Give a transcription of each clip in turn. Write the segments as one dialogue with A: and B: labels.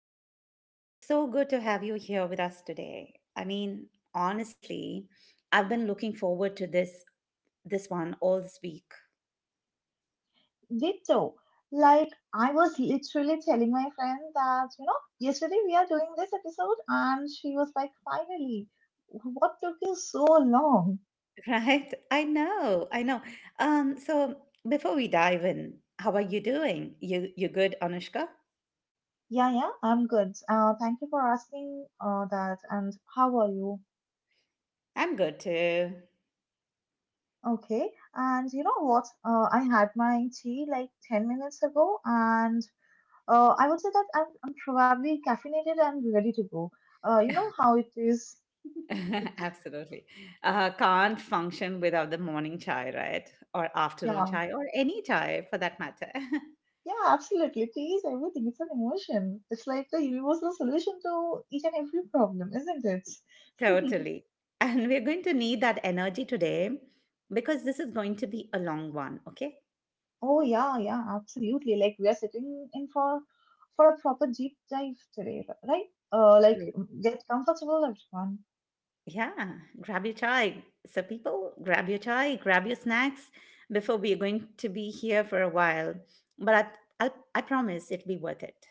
A: back. It's so good to have you here with us today. I mean, honestly, I've been looking forward to this one all this week.
B: Did Ditto. Like I was literally telling my friend that, you know, yesterday we are doing this episode and she was like, finally, what took you so long?
A: Right? I know, I know. So before we dive in, how are you doing? You good, Anushka?
B: Yeah, yeah, I'm good. Thank you for asking that. And how are you?
A: I'm good too.
B: Okay. And you know what? I had my tea like 10 minutes ago and I would say that I'm probably caffeinated and ready to go. You know how it is.
A: Absolutely. Can't function without the morning chai, right? Or afternoon
B: Yeah.
A: chai, or any chai for that matter.
B: Yeah, absolutely. Play everything. It's an emotion. It's like the universal solution to each and every problem, isn't it?
A: Totally. And we're going to need that energy today because this is going to be a long one, okay?
B: Oh yeah, yeah, absolutely. Like we are sitting in for a proper deep dive today, right? Uh, like
A: Mm.
B: get comfortable, everyone.
A: Yeah, grab your chai. So, people, grab your chai, grab your snacks before we're going to be here for a while. But I promise it'll be worth it.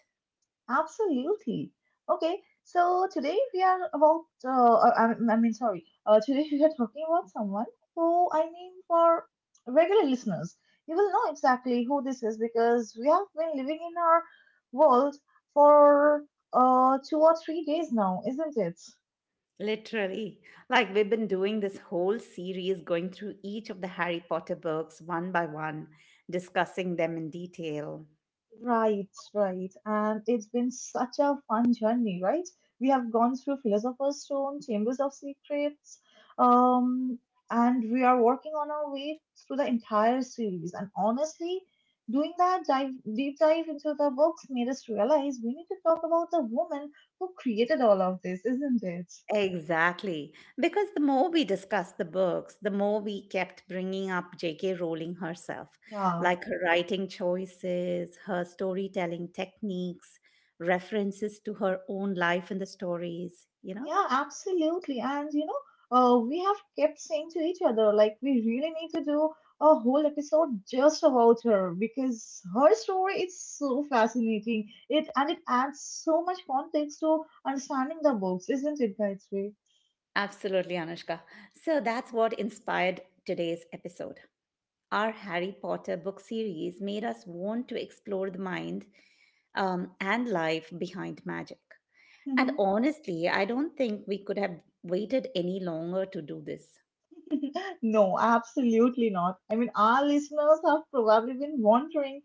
B: Absolutely. Okay, so today we are about, today we are talking about someone who, I mean, for regular listeners, you will know exactly who this is because we have been living in our world for 2 or 3 days now, isn't it?
A: Literally. Like we've been doing this whole series going through each of the Harry Potter books one by one, discussing them in detail.
B: Right, right. And it's been such a fun journey, right? We have gone through Philosopher's Stone, Chambers of Secrets, um, and we are working on our way through the entire series. And honestly, deep dive into the books made us realize we need to talk about the woman who created all of this, isn't it?
A: Exactly. Because the more we discussed the books, the more we kept bringing up J.K. Rowling herself,
B: Yeah.
A: like her writing choices, her storytelling techniques, references to her own life in the stories, you know?
B: Yeah, absolutely. And you know, we have kept saying to each other, like, we really need to do a whole episode just about her because her story is so fascinating. It and it adds so much context to understanding the books, isn't it, Gayatri?
A: Absolutely, Anushka. So that's what inspired today's episode. Our Harry Potter book series made us want to explore the mind and life behind magic. And
B: Hmm.
A: honestly, I don't think we could have waited any longer to do this.
B: No, absolutely not. I mean, our listeners have probably been wondering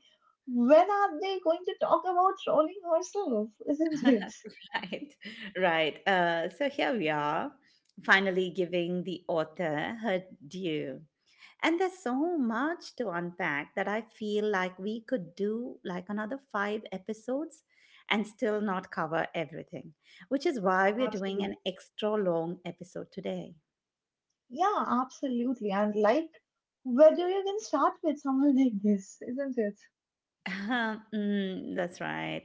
B: when are they going to talk about Rowling herself, isn't it?
A: Right, right. So here we are, finally giving the author her due. And there's so much to unpack that I feel like we could do like another five episodes and still not cover everything, which is why we're doing
B: Absolutely.
A: an extra long episode today.
B: Yeah, absolutely. And like, where do you even start with someone like this, isn't it?
A: Mm, that's right.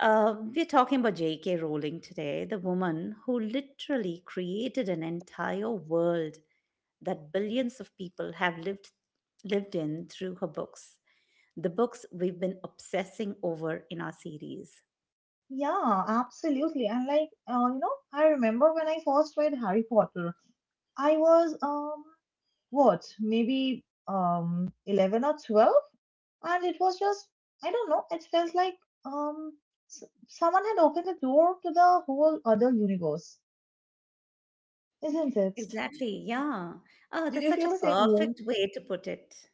A: We're talking about J.K. Rowling today, the woman who literally created an entire world that billions of people have lived in through her books, the books we've been obsessing over in our series.
B: Yeah, absolutely. And like, you know, I remember when I first read Harry Potter, I was, what, maybe 11 or 12, and it was just, I don't know, it felt like um someone had opened the door to the whole other universe, isn't it?
A: Exactly, yeah. Oh,
B: Did
A: that's
B: you
A: such
B: feel
A: a
B: the same way?
A: perfect way to put it,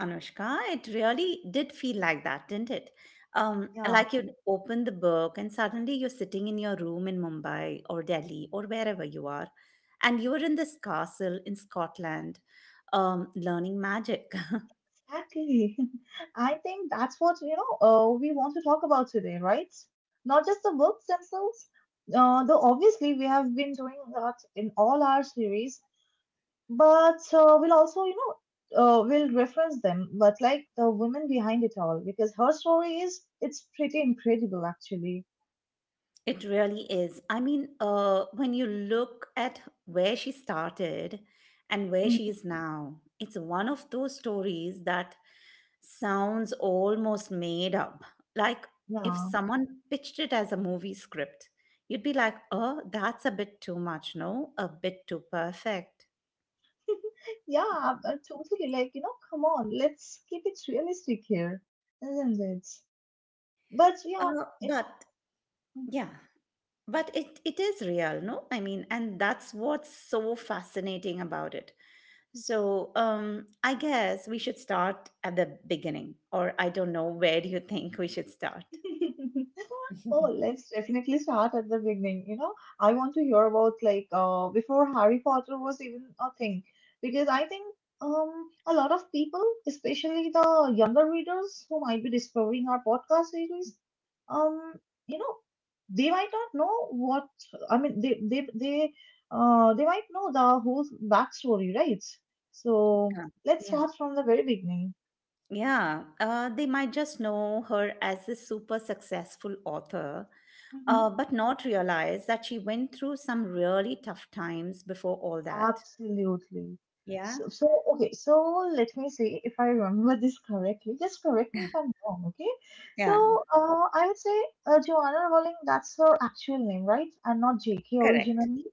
A: Anushka. It really did feel like that, didn't it?
B: Yeah.
A: Like you'd open the book and suddenly you're sitting in your room in Mumbai or Delhi or wherever you are, and you're in this castle in Scotland, learning magic.
B: Exactly. I think that's what, you know, we want to talk about today, right? Not just the books themselves, though obviously we have been doing that in all our series, but we'll also, you know, we'll reference them, but like the woman behind it all, because her story is, it's pretty incredible actually.
A: It really is. I mean, when you look at where she started and where she
B: Mhm.
A: is now, it's one of those stories that sounds almost made up. Like if
B: Yeah.
A: someone pitched it as a movie script, you'd be like, oh, that's a bit too much, no? A bit too perfect.
B: Yeah, totally. Like, you know, come on, let's keep it realistic here, isn't it? But yeah,
A: Uh, but
B: mhm.
A: yeah, but it is real, no? I mean, and that's what's so fascinating about it. So I guess we should start at the beginning, or I don't know, where do you think we should start?
B: Oh, let's definitely start at the beginning. You know, I want to hear about like before Harry Potter was even a thing, because I think a lot of people, especially the younger readers who might be discovering our podcast series, um, you know, they might not know what I mean. They might know the whole backstory, right? So
A: Yeah.
B: let's
A: Yeah.
B: start from the very beginning.
A: Yeah. They might just know her as a super successful author,
B: Mm-hmm.
A: but not realize that she went through some really tough times before all that.
B: Absolutely.
A: Yeah.
B: Okay, so let me see if I remember this correctly. Just correct me if I'm wrong, okay?
A: Yeah.
B: So, I would say Joanna Rowling, that's her actual name, right? And not JK
A: Correct.
B: originally.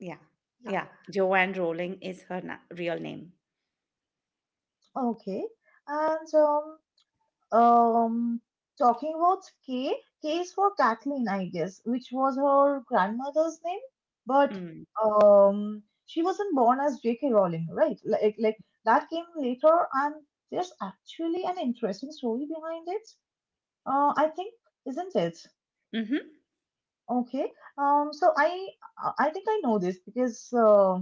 A: Yeah.
B: Yeah.
A: Yeah. Joanne Rowling is her na- real name.
B: Okay. And Um, talking about K, K is for Kathleen, I guess, which was her grandmother's name. But
A: Mm.
B: she wasn't born as J.K. Rowling, right? Like that came later, and there's actually an interesting story behind it. Uh, I think, isn't it?
A: Hmm.
B: Okay. So I think I know this because uh,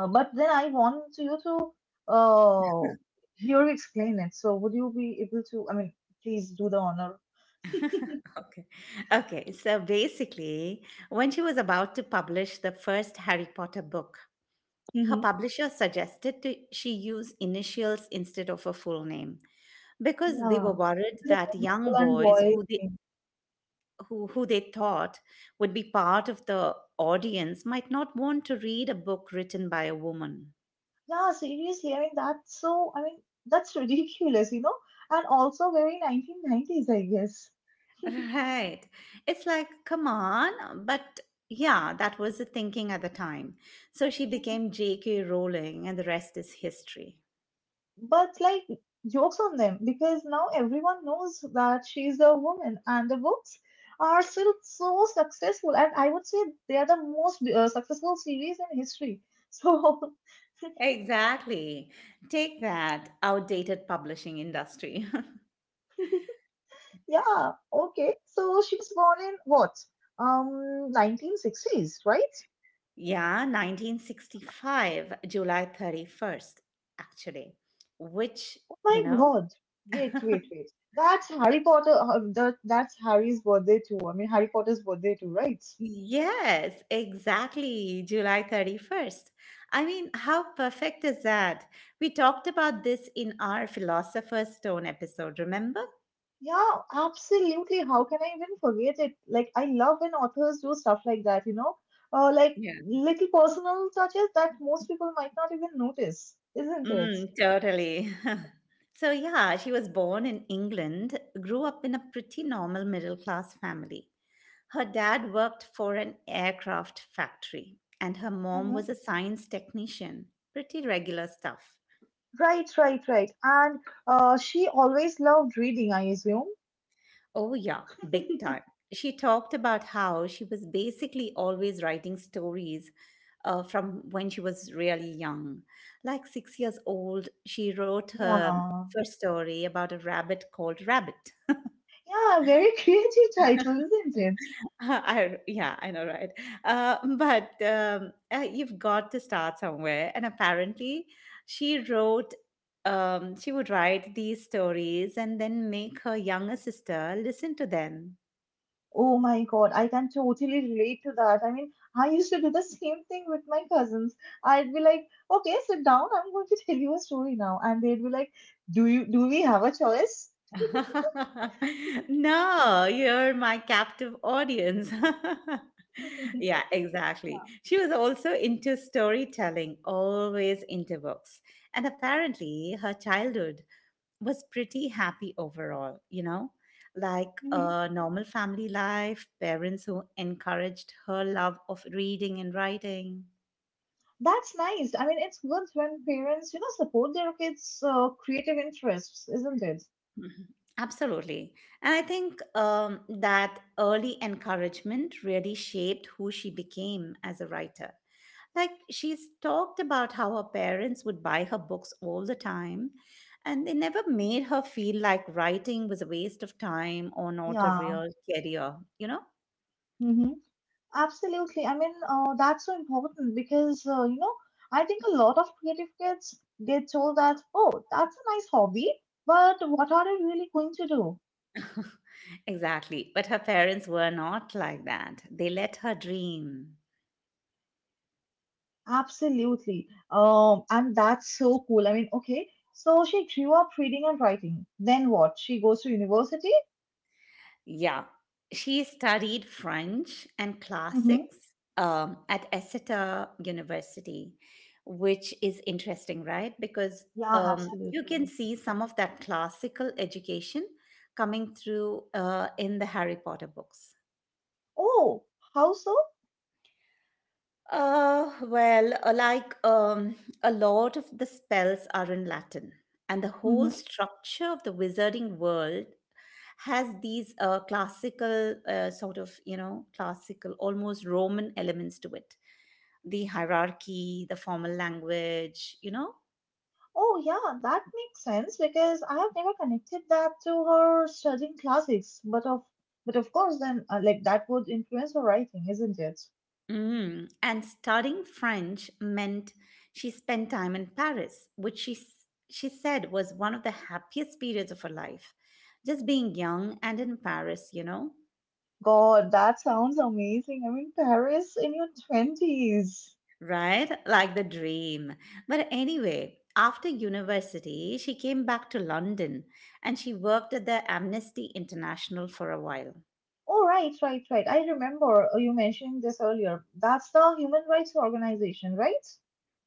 B: uh, but then I want you to uh, hear you explain it. So would you be able to? I mean, please do the honor.
A: Okay. Okay. So basically, when she was about to publish the first Harry Potter book, her
B: Hmm.
A: publisher suggested to, she use initials instead of her full name because they were
B: Yeah,
A: worried
B: because
A: that
B: of
A: young
B: girl and
A: boys
B: boy.
A: who they
B: Thing.
A: who they thought would be part of the audience might not want to read a book written by a woman.
B: Yeah, seriously. I mean, that's so. I mean, that's ridiculous, you know. And also very 1990s, I guess.
A: Right. It's like, come on. But yeah, that was the thinking at the time. So she became J.K. Rowling, and the rest is history.
B: But like jokes on them because now everyone knows that she's a woman and the books are still so successful and I would say they are the most successful series in history. So
A: Exactly. Take that outdated publishing industry.
B: yeah, okay. So she was born in what? 1960s, right?
A: Yeah, 1965, July 31st, actually, which,
B: Oh
A: you
B: my
A: know,
B: God. Wait, wait, wait. That's Harry Potter that's Harry's birthday too. I mean Harry Potter's birthday too, right?
A: yes, exactly. July 31st. I mean, how perfect is that? We talked about this in our Philosopher's Stone episode, remember?
B: Yeah, absolutely. How can I even forget it? Like, I love when authors do stuff like that, you know? Like
A: Yeah.
B: little personal touches that most people might not even notice, isn't it?
A: Mm, totally. So, yeah, she was born in England, grew up in a pretty normal middle class family. Her dad worked for an aircraft factory, and her mom was
B: Hmm.
A: a science technician. Pretty regular stuff.
B: Right. And she always loved reading, I assume.
A: Oh, yeah, big time. She talked about how she was basically always writing stories from when she was really young. Like 6 years old, she wrote her
B: Yeah.
A: first story about a rabbit called Rabbit.
B: Yeah, very creative title, isn't it?
A: I, yeah, I know, right? But You've got to start somewhere. And apparently, she wrote, she would write these stories and then make her younger sister listen to them.
B: Oh my God, I can totally relate to that. I mean, I used to do the same thing with my cousins. I'd be like, okay, sit down. I'm going to tell you a story now. And they'd be like, do we have a choice?
A: No, you're my captive audience. Yeah, exactly.
B: Yeah.
A: She was also into storytelling, always into books. And apparently, her childhood was pretty happy overall, you know? Like
B: Mhm.
A: a normal family life, parents who encouraged her love of reading and writing.
B: That's nice. I mean, it's good when parents, you know, support their kids' creative interests, isn't it?
A: Mhm. Absolutely. And I think that early encouragement really shaped who she became as a writer. Like, she's talked about how her parents would buy her books all the time, and they never made her feel like writing was a waste of time or not a
B: Yeah.
A: real career, you know?
B: Mhm. Absolutely. I mean, that's so important because, you know, I think a lot of creative kids get told that, oh, that's a nice hobby, but what are you really going to do?
A: Exactly. But her parents were not like that. They let her dream.
B: Absolutely. And that's so cool. I mean, okay, so she grew up reading and writing. Then what? She goes to university?
A: Yeah, she studied French and
B: Mm-hmm.
A: classics at Exeter University, which is interesting, right? Because
B: Yeah,
A: you can
B: absolutely.
A: see some of that classical education coming through in the Harry Potter books.
B: Oh, how so?
A: Uh, well, uh, like um, a lot of the spells are in Latin, and the whole
B: Mm-hmm.
A: structure of the wizarding world has these classical, classical, almost Roman elements to it. The hierarchy, the formal language, you know,
B: Oh, yeah, that makes sense because I have never connected that to her studying classics. But of course, then like that would influence her writing, isn't it?
A: Mm. And studying French meant she spent time in Paris, which she said was one of the happiest periods of her life. Just being young and in Paris, you know,
B: God, that sounds amazing. I mean, Paris in your twenties.
A: right? Like the dream. But anyway, after university, she came back to London and she worked at the Amnesty International for a while.
B: Oh, right. I remember you mentioning this earlier. That's the human rights organization, right?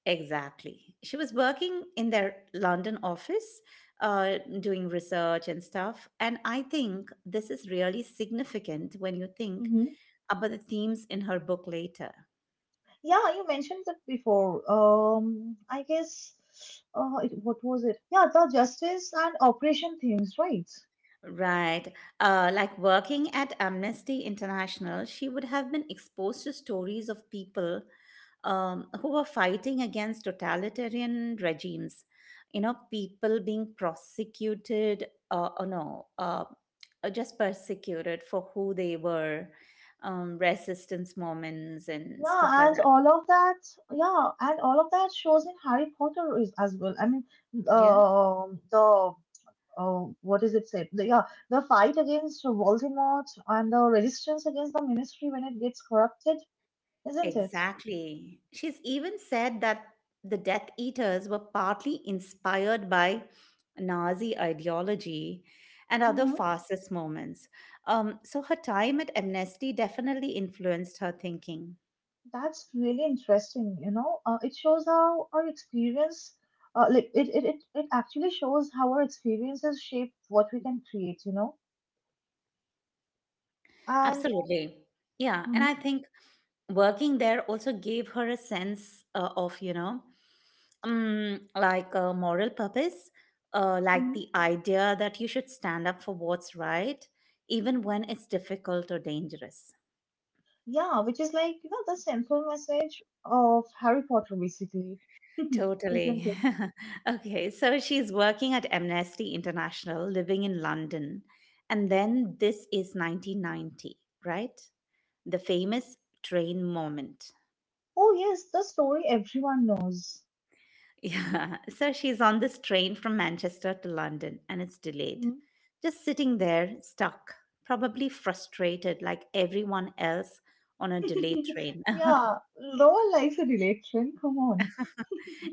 A: Exactly. She was working in their London office, doing research and stuff. And I think this is really significant when you think
B: Mm-hmm.
A: about the themes in her book later.
B: Yeah, you mentioned that before. I guess. It, what was it? Yeah, the justice and operation themes, right?
A: Right. Like working at Amnesty International, she would have been exposed to stories of people who were fighting against totalitarian regimes. You know, people being prosecuted, or no, just persecuted for who they were, resistance moments and stuff like
B: Yeah, and
A: that.
B: all of that, yeah, and all of that shows in Harry Potter is as well. I mean,
A: Yeah.
B: the what is it said? The, yeah, the fight against Voldemort and the resistance against the Ministry when it gets corrupted, isn't it?
A: Exactly. She's even said that the Death Eaters were partly inspired by Nazi ideology and other
B: Mm-hmm.
A: fascist moments. So her time at Amnesty definitely influenced her thinking.
B: That's really interesting. You know, it shows how our experience, it actually shows how our experiences shape what we can create. You know, and
A: Absolutely. Yeah. And I
B: mm-hmm,
A: think working there also gave her a sense of like a moral purpose like
B: mm-hmm.
A: the idea that you should stand up for what's right even when it's difficult or dangerous.
B: Yeah, which is like, you know, the central message of Harry Potter, basically, isn't
A: Totally.
B: it?
A: Okay, so she's working at Amnesty International, living in London, and then this is 1990, right? The famous train moment.
B: Oh, yes, the story everyone knows.
A: Yeah, so she's on this train from Manchester to London and it's delayed.
B: Mhm.
A: Just sitting there, stuck, probably frustrated like everyone else on a delayed train.
B: Yeah, Lowell likes an election. Come on.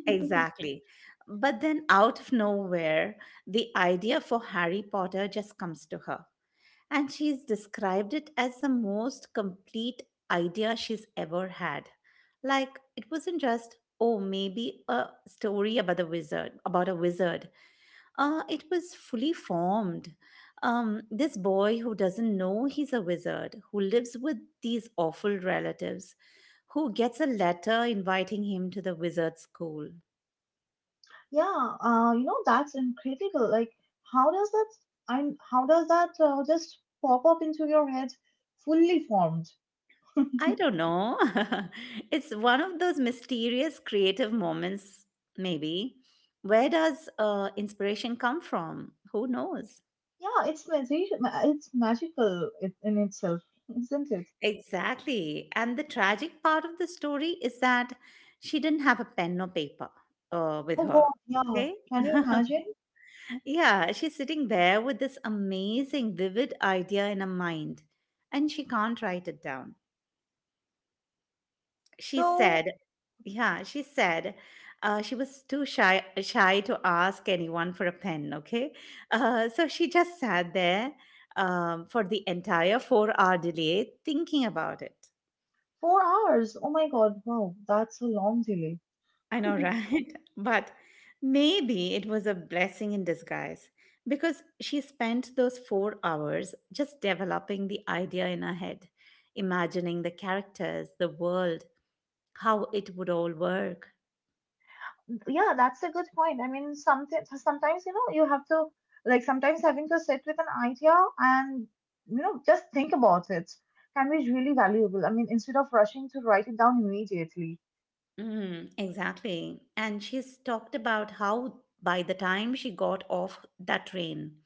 A: Exactly. But then, out of nowhere, the idea for Harry Potter just comes to her. And she's described it as the most complete idea she's ever had. Like, it wasn't just, oh, maybe a story about the wizard, about a wizard. It was fully formed. This boy who doesn't know he's a wizard, who lives with these awful relatives, who gets a letter inviting him to the wizard school.
B: Yeah, you know, that's incredible. Like, how does that, how does that just pop up into your head fully formed?
A: I don't know. It's one of those mysterious creative moments, maybe. Where does inspiration come from? Who knows?
B: Yeah, it's magical in itself, isn't it?
A: Exactly. And the tragic part of the story is that she didn't have a pen or paper with
B: Oh
A: her.
B: God, yeah.
A: Okay.
B: Can you imagine?
A: Yeah, she's sitting there with this amazing, vivid idea in her mind, and she can't write it down. She
B: So
A: said, yeah, she said She was shy to ask anyone for a pen, okay? So she just sat there for the entire 4 hour delay thinking about it.
B: 4 hours? Oh my God, wow, that's a long delay.
A: I know, right? But maybe it was a blessing in disguise because she spent those 4 hours just developing the idea in her head, imagining the characters, the world, how it would all work.
B: Yeah, that's a good point. I mean, sometimes you know you have to like sometimes having to sit with an idea and you know just think about it can be really valuable. I mean, instead of rushing to write it down immediately.
A: Mm, exactly. And she's talked about how by the time she got off that train,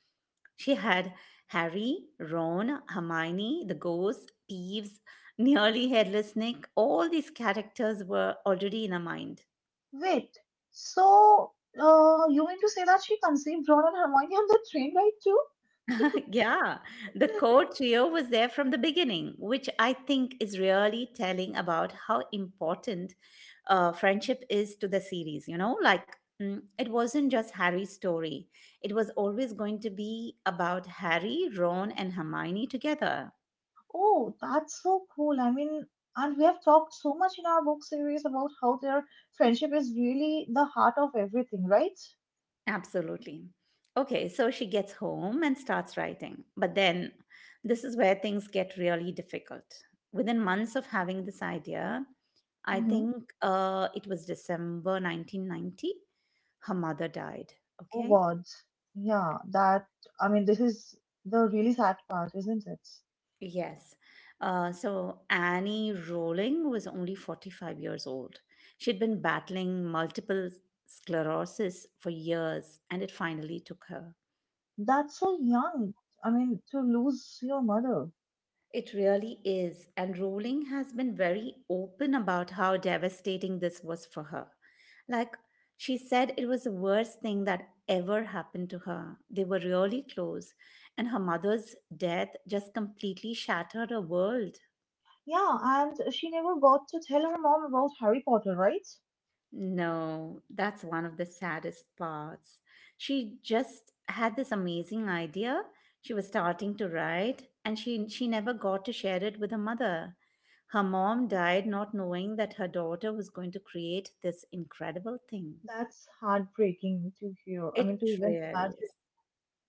A: she had Harry, Ron, Hermione, the ghosts, Peeves, nearly headless Nick. All these characters were already in her mind.
B: Wait, so you mean to say that she conceived Ron and Hermione on the train ride too?
A: Yeah, the core trio was there from the beginning, which I think is really telling about how important friendship is to the series. You know, like it wasn't just Harry's story, it was always going to be about Harry, Ron, and Hermione together.
B: Oh, that's so cool. I mean, and we have talked so much in our book series about how their friendship is really the heart of everything, right?
A: Absolutely. Okay, so she gets home and starts writing. But then this is where things get really difficult. Within months of having this idea, I
B: Hmm.
A: think it was December 1990, her mother died.
B: Oh,
A: Okay,
B: God. Yeah, that, I mean, this is the really sad part, isn't it?
A: yes. So Annie Rowling was only 45 years old. She'd been battling multiple sclerosis for years, and it finally took her.
B: That's so young. I mean, to lose your mother.
A: It really is, and Rowling has been very open about how devastating this was for her. Like, she said it was the worst thing that ever happened to her. They were really close, and her mother's death just completely shattered her world.
B: Yeah, and she never got to tell her mom about Harry Potter, right?
A: No, that's one of the saddest parts. She just had this amazing idea. She was starting to write, and she never got to share it with her mother. Her mom died not knowing that her daughter was going to create this incredible thing.
B: That's heartbreaking to hear. I
A: It
B: mean, to even
A: really
B: imagine.
A: is.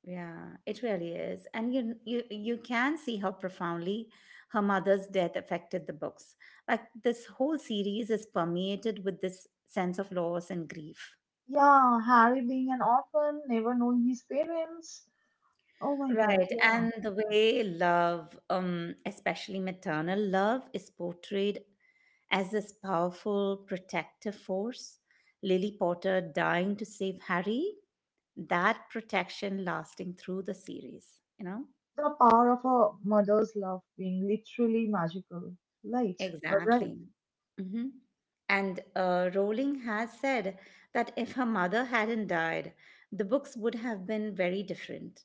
A: Yeah, it really is. And you can see how profoundly her mother's death affected the books. Like this whole series is permeated with this sense of loss and grief.
B: Yeah, Harry being an orphan, never knowing his parents. Oh my God,
A: Right.
B: yeah.
A: And the way love, especially maternal love, is portrayed as this powerful protective force. Lily Potter dying to save Harry, that protection lasting through the series, you know?
B: The power of a mother's love being literally magical. Right, right.
A: Exactly. hmm And Rowling has said that if her mother hadn't died, the books would have been very different.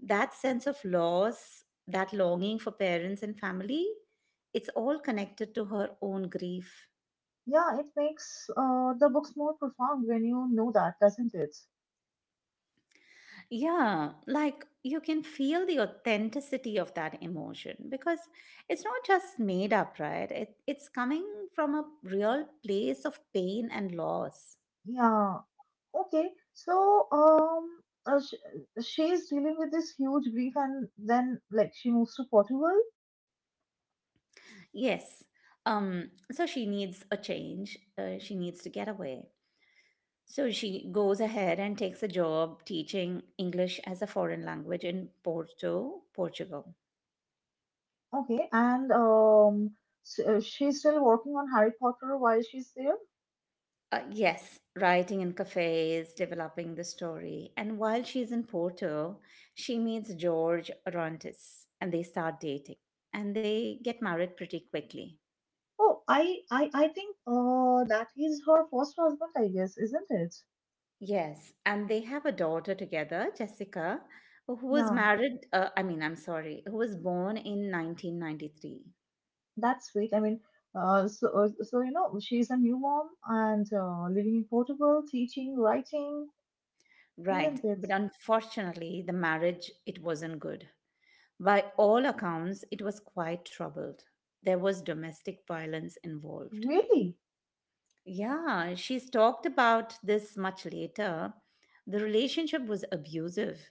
A: That sense of loss, that longing for parents and family, it's all connected to her own grief.
B: Yeah, it makes the books more profound when you know that, doesn't it?
A: Yeah, like you can feel the authenticity of that emotion because it's not just made up, right? It's coming from a real place of pain and loss.
B: Yeah. Okay. So, sh she's dealing with this huge grief, and then like she moves to Portugal.
A: Yes. So she needs a change. She needs to get away. So she goes ahead and takes a job teaching English as a foreign language in Porto, Portugal.
B: Okay, and s she's still working on Harry Potter while she's there.
A: Yes, writing in cafes, developing the story. And while she's in Porto, she meets George Orontes and they start dating and they get married pretty quickly.
B: Oh, I think that is her first husband, I guess, isn't it?
A: Yes, and they have a daughter together, Jessica, who was
B: Yeah.
A: married, I mean, I'm sorry, who was born in 1993.
B: That's sweet. I mean, so you know, she's a new mom and living in Portugal, teaching, writing,
A: Right,
B: isn't it?
A: but unfortunately, the marriage it wasn't good. By all accounts, it was quite troubled. There was domestic violence involved.
B: Really?
A: Yeah, she's talked about this much later. The relationship was abusive,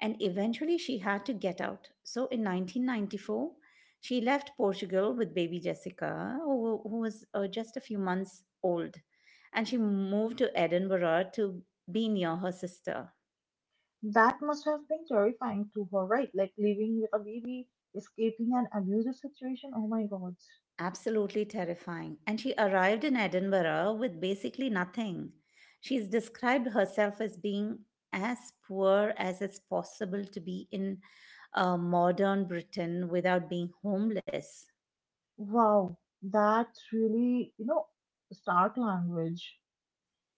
A: and eventually she had to get out. So in 1994, she left Portugal with baby Jessica, who was just a few months old, and she moved to Edinburgh to be near her sister.
B: That must have been terrifying to her, right? Like living with a baby, escaping an abusive situation. Oh my God.
A: Absolutely terrifying. And she arrived in Edinburgh with basically nothing. She's described herself as being as poor as it's possible to be in modern Britain without being homeless.
B: Wow. That really, you know, stark language.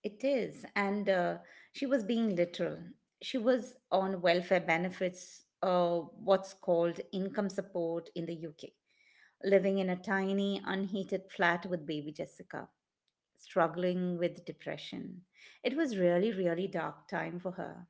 A: It is. And she was being literal. She was on welfare benefits, what's called income support in the UK, living in a tiny, unheated flat with baby Jessica, struggling with depression. It was really, really dark time for her.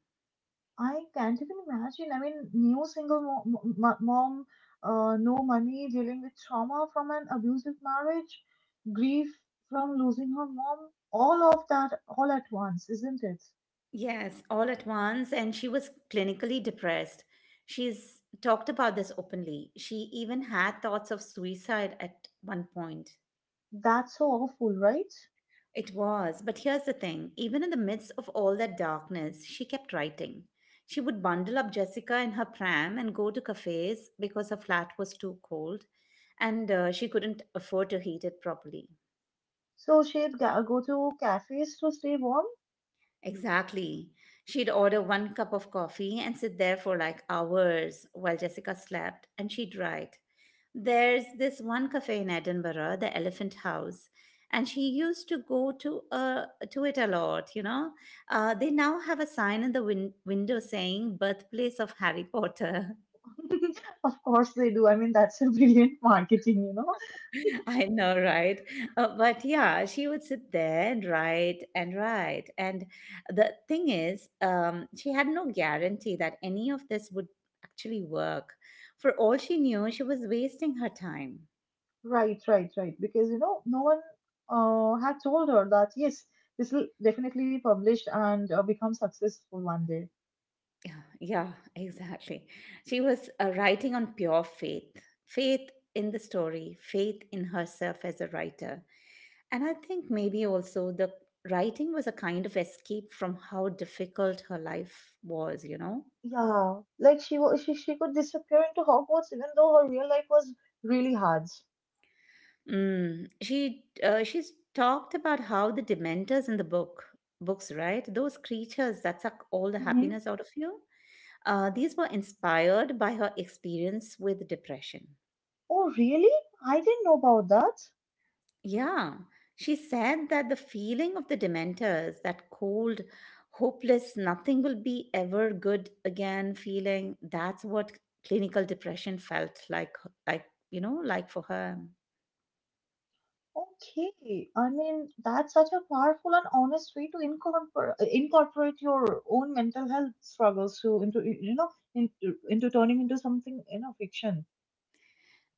B: I can't even imagine. I mean, new single mom, no money, dealing with trauma from an abusive marriage, grief from losing her mom, all of that all at once, isn't it?
A: Yes, all at once, and she was clinically depressed. She's talked about this openly. She even had thoughts of suicide at one point.
B: That's so awful, right?
A: It was, but here's the thing even in the midst of all that darkness, she kept writing. She would bundle up Jessica in her pram and go to cafes because her flat was too cold and she couldn't afford to heat it properly.
B: So she'd go to cafes to stay warm.
A: Exactly. She'd order one cup of coffee and sit there for like hours while Jessica slept, and she'd write. There's this one cafe in Edinburgh, the Elephant House, and she used to go to it a lot. You know, they now have a sign in the window saying "Birthplace of Harry Potter."
B: Of course they do. I mean, that's a brilliant marketing, you know.
A: I know, right? But yeah, she would sit there and write and write. And the thing is, she had no guarantee that any of this would actually work. For all she knew, she was wasting her time.
B: Right. Because, you know, no one had told her that, yes, this will definitely be published and become successful one day.
A: Yeah, yeah, exactly. She was writing on pure faith, faith in the story, faith in herself as a writer. And I think maybe also the writing was a kind of escape from how difficult her life was, you know?
B: Yeah, like she could disappear into Hogwarts even though her real life was really hard.
A: Mm. She she's talked about how the Dementors in the books, right? Those creatures that suck all the
B: Hmm.
A: happiness out of you. These were inspired by her experience with depression.
B: Oh, really? I didn't know about that.
A: Yeah, she said that the feeling of the Dementors, that cold, hopeless, nothing will be ever good again feeling, that's what clinical depression felt like. Like, you know, like for her.
B: Okay, I mean, that's such a powerful and honest way to incorporate your own mental health struggles to into into turning into something fiction.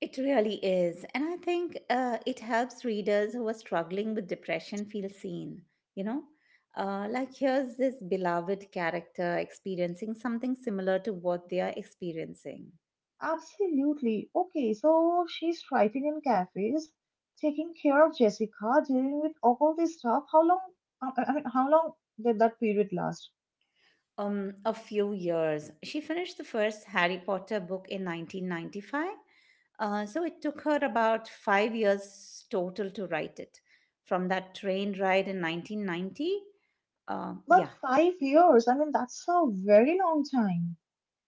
A: It really is. And I think it helps readers who are struggling with depression feel seen, you know? Like, here's this beloved character experiencing something similar to what they are experiencing.
B: Absolutely. Okay, so she's writing in cafes, taking care of Jessica, dealing with all this stuff. How long? I mean, how long did that period last?
A: A few years. She finished the first Harry Potter book in 1995. So it took her about five years total to write it. From that train ride in 1990,
B: But
A: yeah.
B: 5 years. I mean, that's a very long time.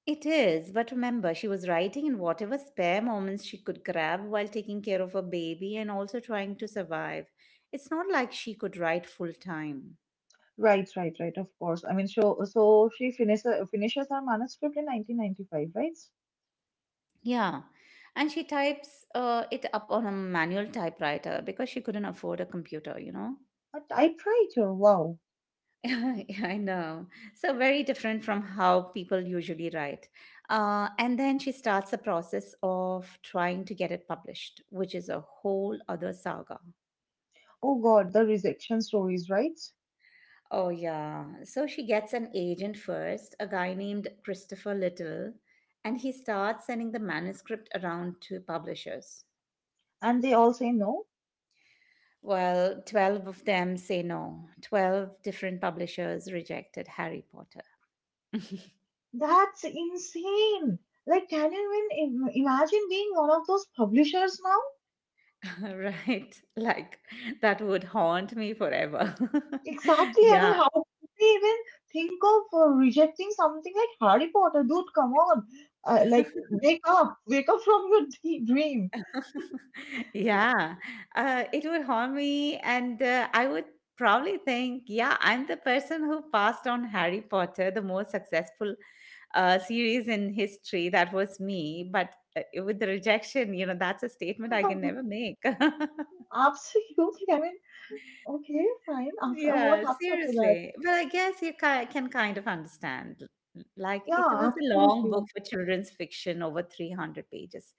A: It is, but remember, she was writing in whatever spare moments she could grab while taking care of her baby and also trying to survive. It's not like she could write full time.
B: Right, right, right. Of course. I mean, so she finishes her manuscript in 1995, right?
A: Yeah. And she types it up on a manual typewriter because she couldn't afford a computer, you know?
B: A typewriter. Wow.
A: Yeah, I know. So very different from how people usually write. And then she starts the process of trying to get it published, which is a whole other saga.
B: Oh God, the rejection stories, right?
A: Oh, yeah. So she gets an agent first, a guy named Christopher Little, and he starts sending the manuscript around to publishers.
B: And they all say no.
A: Well, 12 of them say no. 12 different publishers rejected Harry Potter.
B: That's insane. Like, can you even imagine being one of those publishers?
A: Right. Like that would haunt me forever.
B: Exactly. I mean,
A: Yeah,
B: how could they even think of rejecting something like Harry Potter? Dude, come on. Like, wake up. Wake up from your dream.
A: yeah, it would haunt me, and I would probably think, yeah, I'm the person who passed on Harry Potter, the most successful series in history. That was me, but with the rejection, you know, that's a statement I can never make.
B: Absolutely. I mean, okay, fine. After what
A: Yeah,
B: happened after that?
A: seriously. But I guess can kind of understand. Like, it
B: Yeah,
A: was a long book
B: absolutely.
A: for children's fiction, over 300 pages.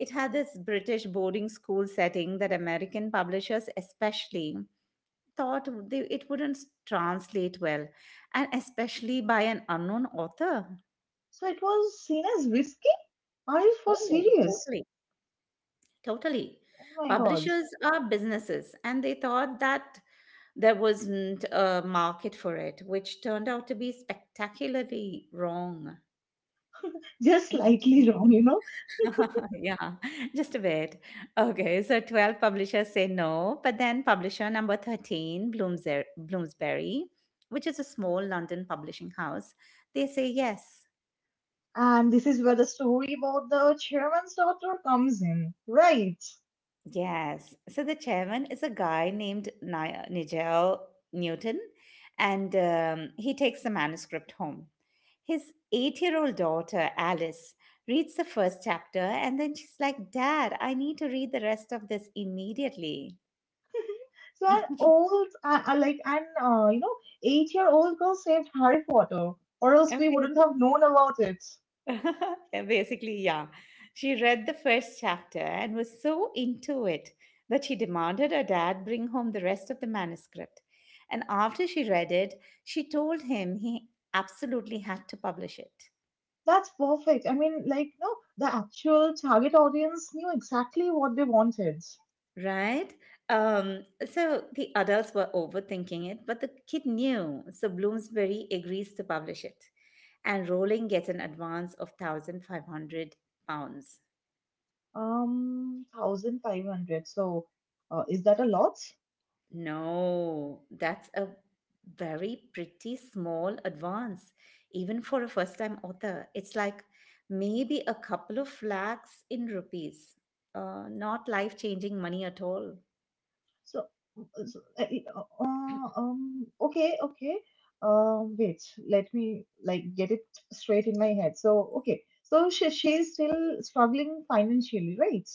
A: It had this British boarding school setting that American publishers, especially, thought it wouldn't translate well, and especially by an unknown author.
B: So it was seen as risky? Are you for
A: Oh,
B: serious?
A: totally. Totally.
B: Oh my God.
A: Publishers are businesses, and they thought that there wasn't a market for it, which turned out to be spectacularly wrong.
B: Just slightly wrong, you know?
A: Yeah, just a bit. Okay, so 12 publishers say no, but then publisher number 13, Bloomsbury, which is a small London publishing house, they say yes.
B: And this is where the story about the chairman's daughter comes in, right?
A: Yes. So the chairman is a guy named Nigel Newton, and he takes the manuscript home. His 8-year-old old daughter, Alice, reads the first chapter and then she's like, Dad, I need to read the rest of this immediately.
B: So an old, like an you know, eight-year-old girl saved Harry Potter, or else we
A: Obviously.
B: wouldn't have known about it.
A: And basically, yeah. She read the first chapter and was so into it that she demanded her dad bring home the rest of the manuscript. And after she read it, she told him he absolutely had to publish it.
B: That's perfect. I mean, like, no, the actual target audience knew exactly what they wanted.
A: Right? So the adults were overthinking it, but the kid knew. So Bloomsbury agrees to publish it. And Rowling gets an advance of 1,500 pounds.
B: 1,500. So, is that a lot?
A: No, that's a very pretty small advance, even for a first time author. It's like maybe a couple of lakhs in rupees, not life changing money at all.
B: So, uh, so uh, okay, okay. Wait, let me like get it straight in my head. So, okay, so she's still struggling financially, right?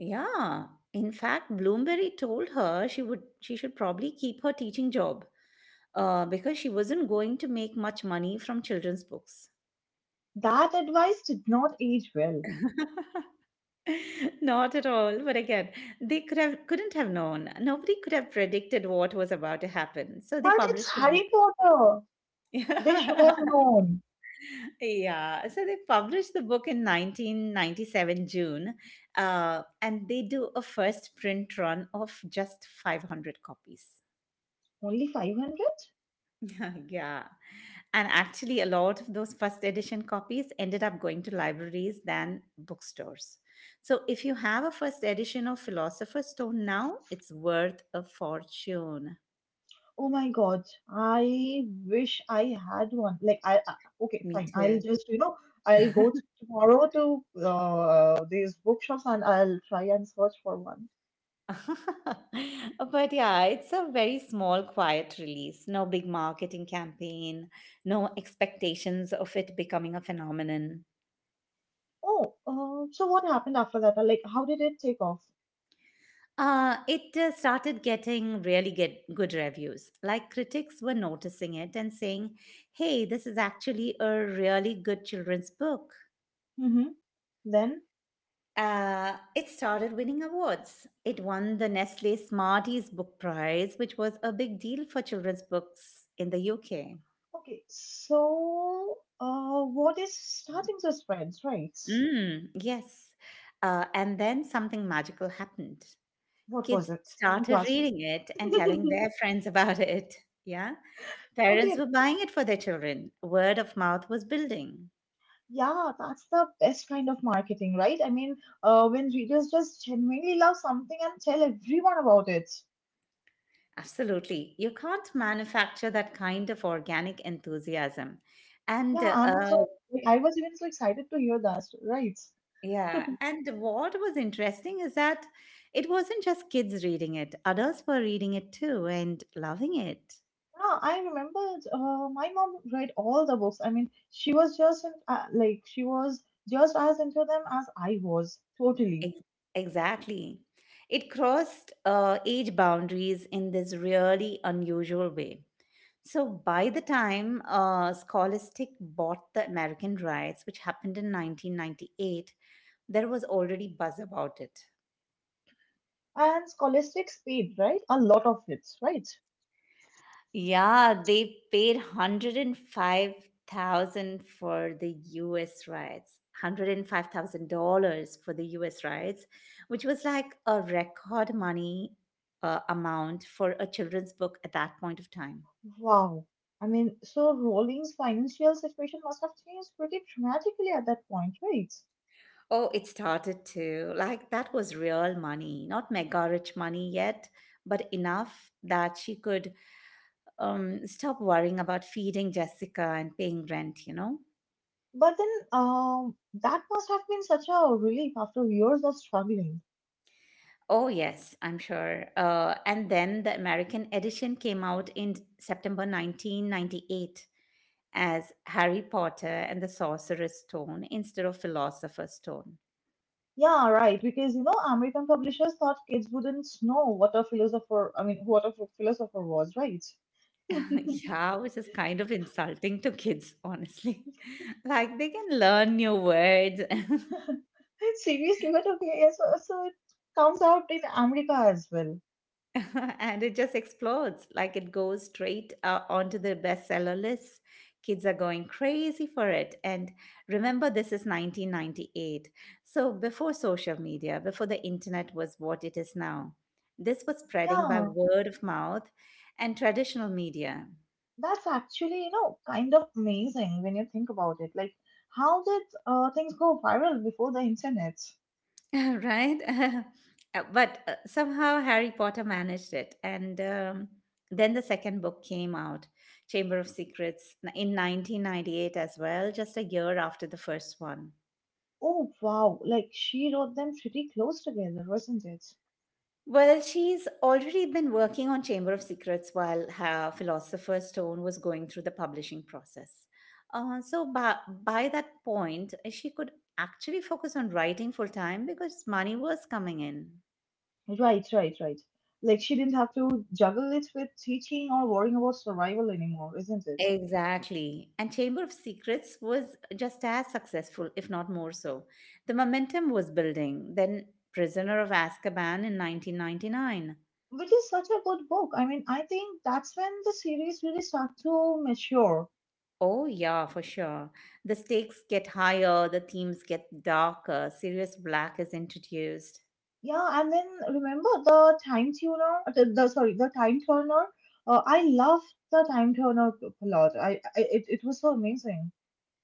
A: Yeah, in fact, Bloomberry told her she should probably keep her teaching job because she wasn't going to make much money from children's books.
B: That advice did not age well.
A: Not at all. But again, they could have couldn't have known. Nobody could have predicted what was about to happen. So they
B: But it's
A: published the book.
B: Harry Potter. They should have known.
A: Yeah. So they published the book in 1997 June, and they do a first print run of just 500 copies.
B: Only 500?
A: Yeah. And actually, a lot of those first edition copies ended up going to libraries than bookstores. So, if you have a first edition of Philosopher's Stone now, it's worth a fortune.
B: Oh my God, I wish I had one. Like I Okay,
A: Me
B: fine. I'll
A: too.
B: just, you know, I'll go tomorrow to these bookshops and I'll try and search for one.
A: But yeah, it's a very small, quiet release. No big marketing campaign, no expectations of it becoming a phenomenon.
B: Oh, so what happened after that? Like, how did it take off?
A: It started getting really good reviews. Like critics were noticing it and saying, hey, this is actually a really good children's book.
B: Mm-hmm. Then,
A: It started winning awards. It won the Nestle Smarties Book Prize, which was a big deal for children's books in the UK.
B: okay, so what is starting to spread, right?
A: Mm, yes. And then something magical happened.
B: What was
A: Kids
B: it? Tell me
A: started
B: fast.
A: reading it and telling their friends about it. Yeah. Parents
B: Okay,
A: were buying it for their children. Word of mouth was building.
B: Yeah, that's the best kind of marketing, right? I mean, when readers just genuinely love something and tell everyone about it.
A: Absolutely. You can't manufacture that kind of organic enthusiasm. And
B: Yeah, I'm so, I was even so excited to hear that, right?
A: Yeah, and what was interesting is that it wasn't just kids reading it, adults were reading it too and loving it.
B: Yeah, I remember my mom read all the books. I mean, she was just in, like, she was just as into them as I was, totally.
A: Ex- exactly. It crossed age boundaries in this really unusual way. So by the time Scholastic bought the American rights, which happened in 1998, there was already buzz about it.
B: And scholastics paid, right? A lot of it, right?
A: Yeah, they paid 105,000 for the US rights. $105,000 for the US rights, which was like a record money amount for a children's book at that point of time.
B: Wow. I mean, so Rowling's financial situation must have changed pretty dramatically at that point, right?
A: Oh, it started to. Like, that was real money, not mega rich money yet, but enough that she could stop worrying about feeding Jessica and paying rent, you know?
B: But then that must have been such a relief after years of struggling.
A: Oh, yes, I'm sure. And then the American edition came out in September 1998 as Harry Potter and the Sorcerer's Stone instead of Philosopher's Stone.
B: Yeah, right. Because you know, American publishers thought kids wouldn't know what a philosopher, I mean, what a ph- philosopher was, right?
A: Yeah, which is kind of insulting to kids, honestly. Like they can learn new words.
B: Seriously, but okay, yeah, so, so it comes out in America as well.
A: And it just explodes, like it goes straight onto the bestseller list. Kids are going crazy for it, and remember, this is 1998, so before social media, before the internet was what it is now, this was spreading by
B: Yeah,
A: word of mouth and traditional media.
B: that's actually, you know, kind of amazing when you think about it. Like, how did things go viral before the internet?
A: Right? But somehow Harry Potter managed it. And then the second book came out, Chamber of Secrets, in 1998 as well, just a year after the first one.
B: Oh, wow. Like, she wrote them pretty close together, wasn't it?
A: Well, she's already been working on Chamber of Secrets while her Philosopher's Stone was going through the publishing process. So by that point, she could actually focus on writing full time because money was coming in.
B: Right, right, right. Like she didn't have to juggle it with teaching or worrying about survival anymore, isn't it?
A: Exactly. And Chamber of Secrets was just as successful, if not more so. The momentum was building. Then Prisoner of Azkaban in 1999.
B: Which is such a good book. I mean, I think that's when the series really start to mature.
A: Oh, yeah, for sure. The stakes get higher, the themes get darker, serious black is introduced.
B: Yeah, and then remember the time turner. I love the time turner plot. I It, it was so amazing.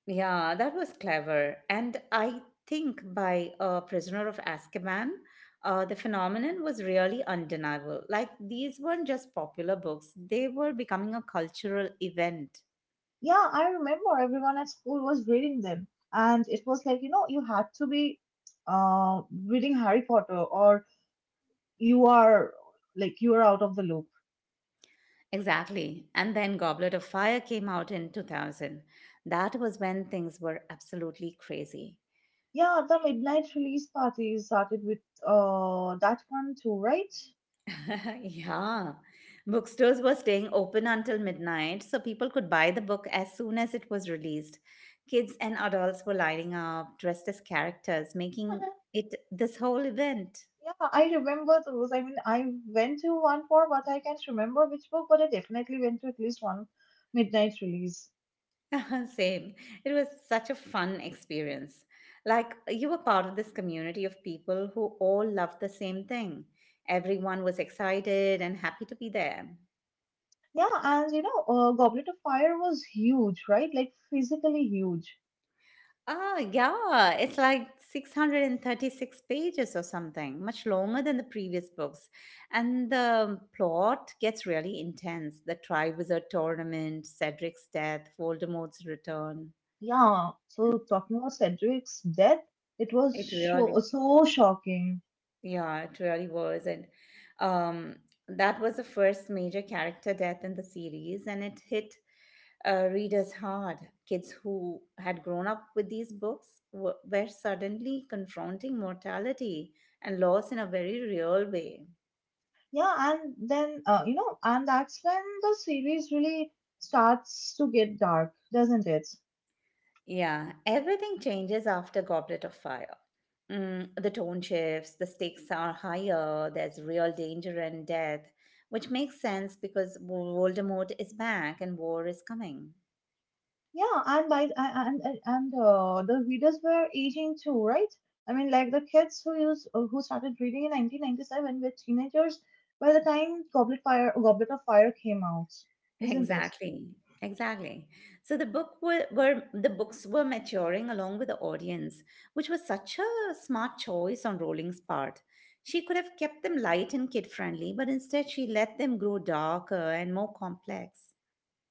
A: Yeah, that was clever. And I think by Prisoner of Azkaban, the phenomenon was really undeniable. Like, these weren't just popular books, they were becoming a cultural event.
B: Yeah, I remember everyone at school was reading them, and it was like you know you had to be uh reading Harry Potter or you are like you are out of the loop.
A: Exactly. And then Goblet of Fire came out in 2000. That was when things were absolutely crazy.
B: Yeah, the midnight release party started with that one too, right?
A: Yeah. Bookstores were staying open until midnight, so people could buy the book as soon as it was released. Kids and adults were lining up, dressed as characters, making it this whole event.
B: yeah, I remember those. I mean, I went to one for, but I can't remember which book, but I definitely went to at least one midnight release.
A: Same. It was such a fun experience. Like you were part of this community of people who all loved the same thing. Everyone was excited and happy to be there.
B: Yeah, and you know, Goblet of Fire was huge, right? Like physically huge.
A: Ah, yeah, it's like 636 pages or something, much longer than the previous books. And the plot gets really intense. The Triwizard Tournament, Cedric's death, Voldemort's return.
B: Yeah. So talking about Cedric's death, it was
A: It really,
B: so so shocking.
A: yeah, it really was. And um, that was the first major character death in the series, and it hit readers hard. Kids who had grown up with these books were suddenly confronting mortality and loss in a very real way.
B: Yeah, and then you know, and that's when the series really starts to get dark, doesn't it?
A: Yeah, everything changes after Goblet of Fire. Mm, the tone shifts, the stakes are higher, there's real danger and death, which makes sense because Voldemort is back and war is coming.
B: Yeah, and the readers were aging too, right? I mean, like the kids who started reading in 1997 were teenagers by the time Goblet of Fire came out, isn't it?
A: Exactly. Exactly. So were the books were maturing along with the audience, which was such a smart choice on Rowling's part. She could have kept them light and kid friendly, but instead she let them grow darker and more complex.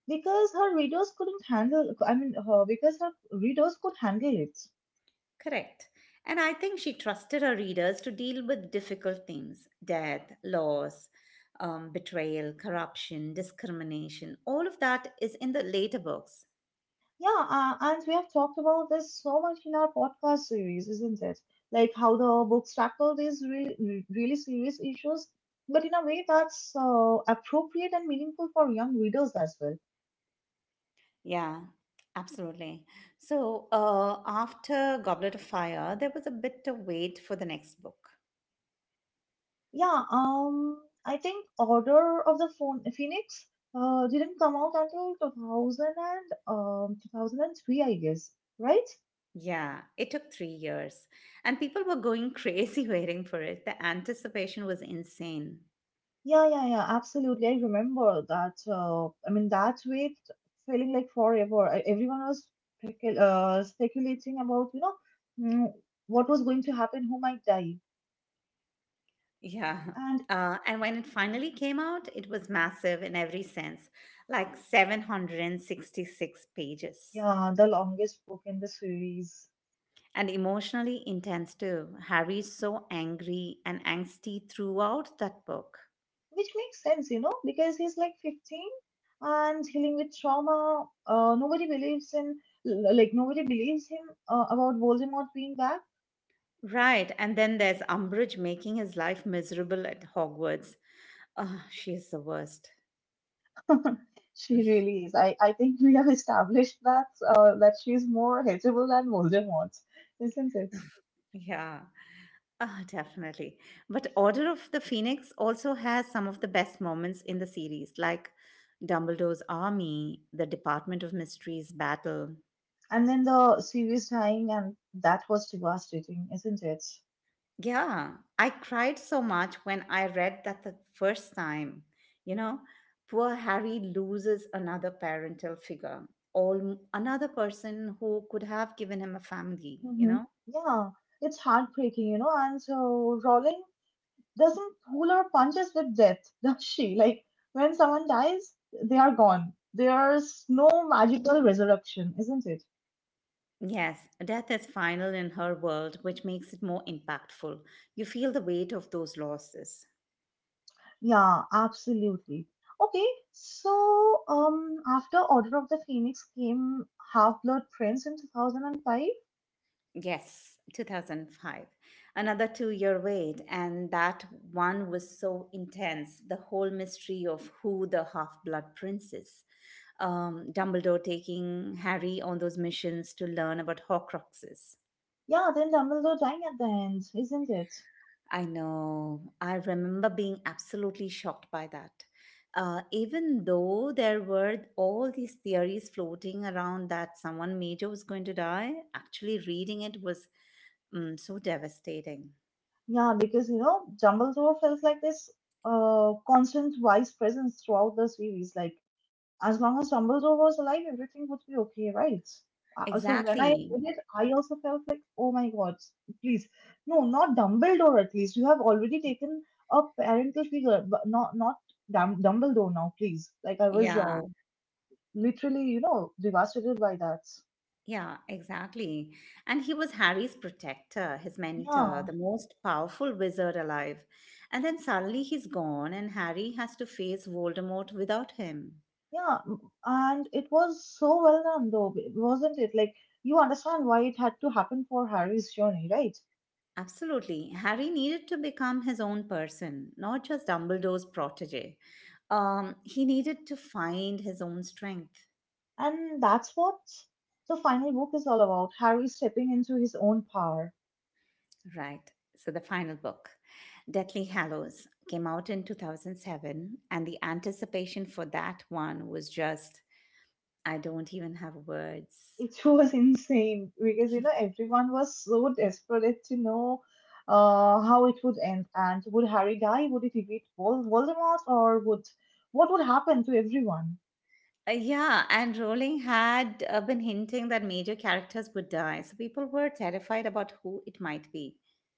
B: Because her readers couldn't handle. I mean, Her, because her readers could handle it.
A: Correct. And I think she trusted her readers to deal with difficult themes: death, loss, betrayal, corruption, discrimination. All of that is in the later books.
B: Yeah, and we have talked about this so much in our podcast series, isn't it? Like how the books tackle these really, really serious issues, but in a way that's appropriate and meaningful for young readers as well.
A: Yeah, absolutely. So, after Goblet of Fire, there was a bit of wait for the next book.
B: Yeah, I think Order of the Phoenix didn't come out until 2000 and 2003, I guess, right?
A: Yeah, it took 3 years, and people were going crazy waiting for it. The anticipation was insane.
B: Yeah, yeah, yeah, absolutely. I remember that. I mean, that wait feeling like forever. Everyone was speculating about, you know, mm, what was going to happen, who might die.
A: Yeah.
B: And
A: And when it finally came out, it was massive in every sense, like 766 pages.
B: yeah, the longest book in the series,
A: And emotionally intense too. Harry is so angry and angsty throughout that book.
B: which makes sense, you know, because he's like 15 and healing with trauma. Nobody believes in, l- like, nobody believes him about Voldemort being back.
A: Right, and then there's Umbridge making his life miserable at Hogwarts. Ah, she is the worst.
B: She really is. I think we have established that that she's more hateable than Voldemort, isn't it?
A: Yeah, ah, definitely. But Order of the Phoenix also has some of the best moments in the series, like Dumbledore's army, the Department of Mysteries battle.
B: And then the series dying, and that was devastating, isn't it?
A: Yeah, I cried so much when I read that the first time. You know, poor Harry loses another parental figure, all another person who could have given him a family, you
B: Mm-hmm.
A: know?
B: Yeah, it's heartbreaking, you know. And so Rowling doesn't pull her punches with death, does she? Like when someone dies, they are gone. There's no magical resurrection, isn't it?
A: Yes, death is final in her world, which makes it more impactful. You feel the weight of those losses.
B: Yeah, absolutely. Okay, so after Order of the Phoenix came Half-Blood Prince in 2005.
A: Yes, 2005. Another 2 year wait, and that one was so intense. The whole mystery of who the half blood prince is. Dumbledore taking Harry on those missions to learn about Horcruxes.
B: Yeah, then Dumbledore dying at the end, isn't it?
A: I know. I remember being absolutely shocked by that. Even though there were all these theories floating around that someone major was going to die, actually reading it was so devastating.
B: Yeah, because you know Dumbledore felt like this constant wise presence throughout the series. Like as long as Dumbledore was alive, everything would be okay, right? So when I
A: Exactly.
B: read it, I also felt like, oh my God, please, no, not Dumbledore. At least you have already taken a parental figure, but not Dum- Dumbledore now, please. Like I was
A: Yeah.
B: Literally, you know, devastated by that.
A: Yeah, exactly. And he was Harry's protector, his mentor,
B: Yeah,
A: the most powerful wizard alive. And then suddenly he's gone, and Harry has to face Voldemort without him.
B: yeah, and it was so well done, though, wasn't it? Like you understand why it had to happen for Harry's journey, right?
A: Absolutely. Harry needed to become his own person, not just Dumbledore's protege. He needed to find his own strength.
B: And that's what the final book is all about Harry stepping into his own power.
A: Right. So, the final book, Deathly Hallows, came out in 2007, and the anticipation for that one was just, I don't even have words.
B: It was insane because, you know, everyone was so desperate to know how it would end. And would Harry die? Would he defeat Voldemort? Or would what would happen to everyone?
A: Yeah, and Rowling had been hinting that major characters would die, so people were terrified about who it might be.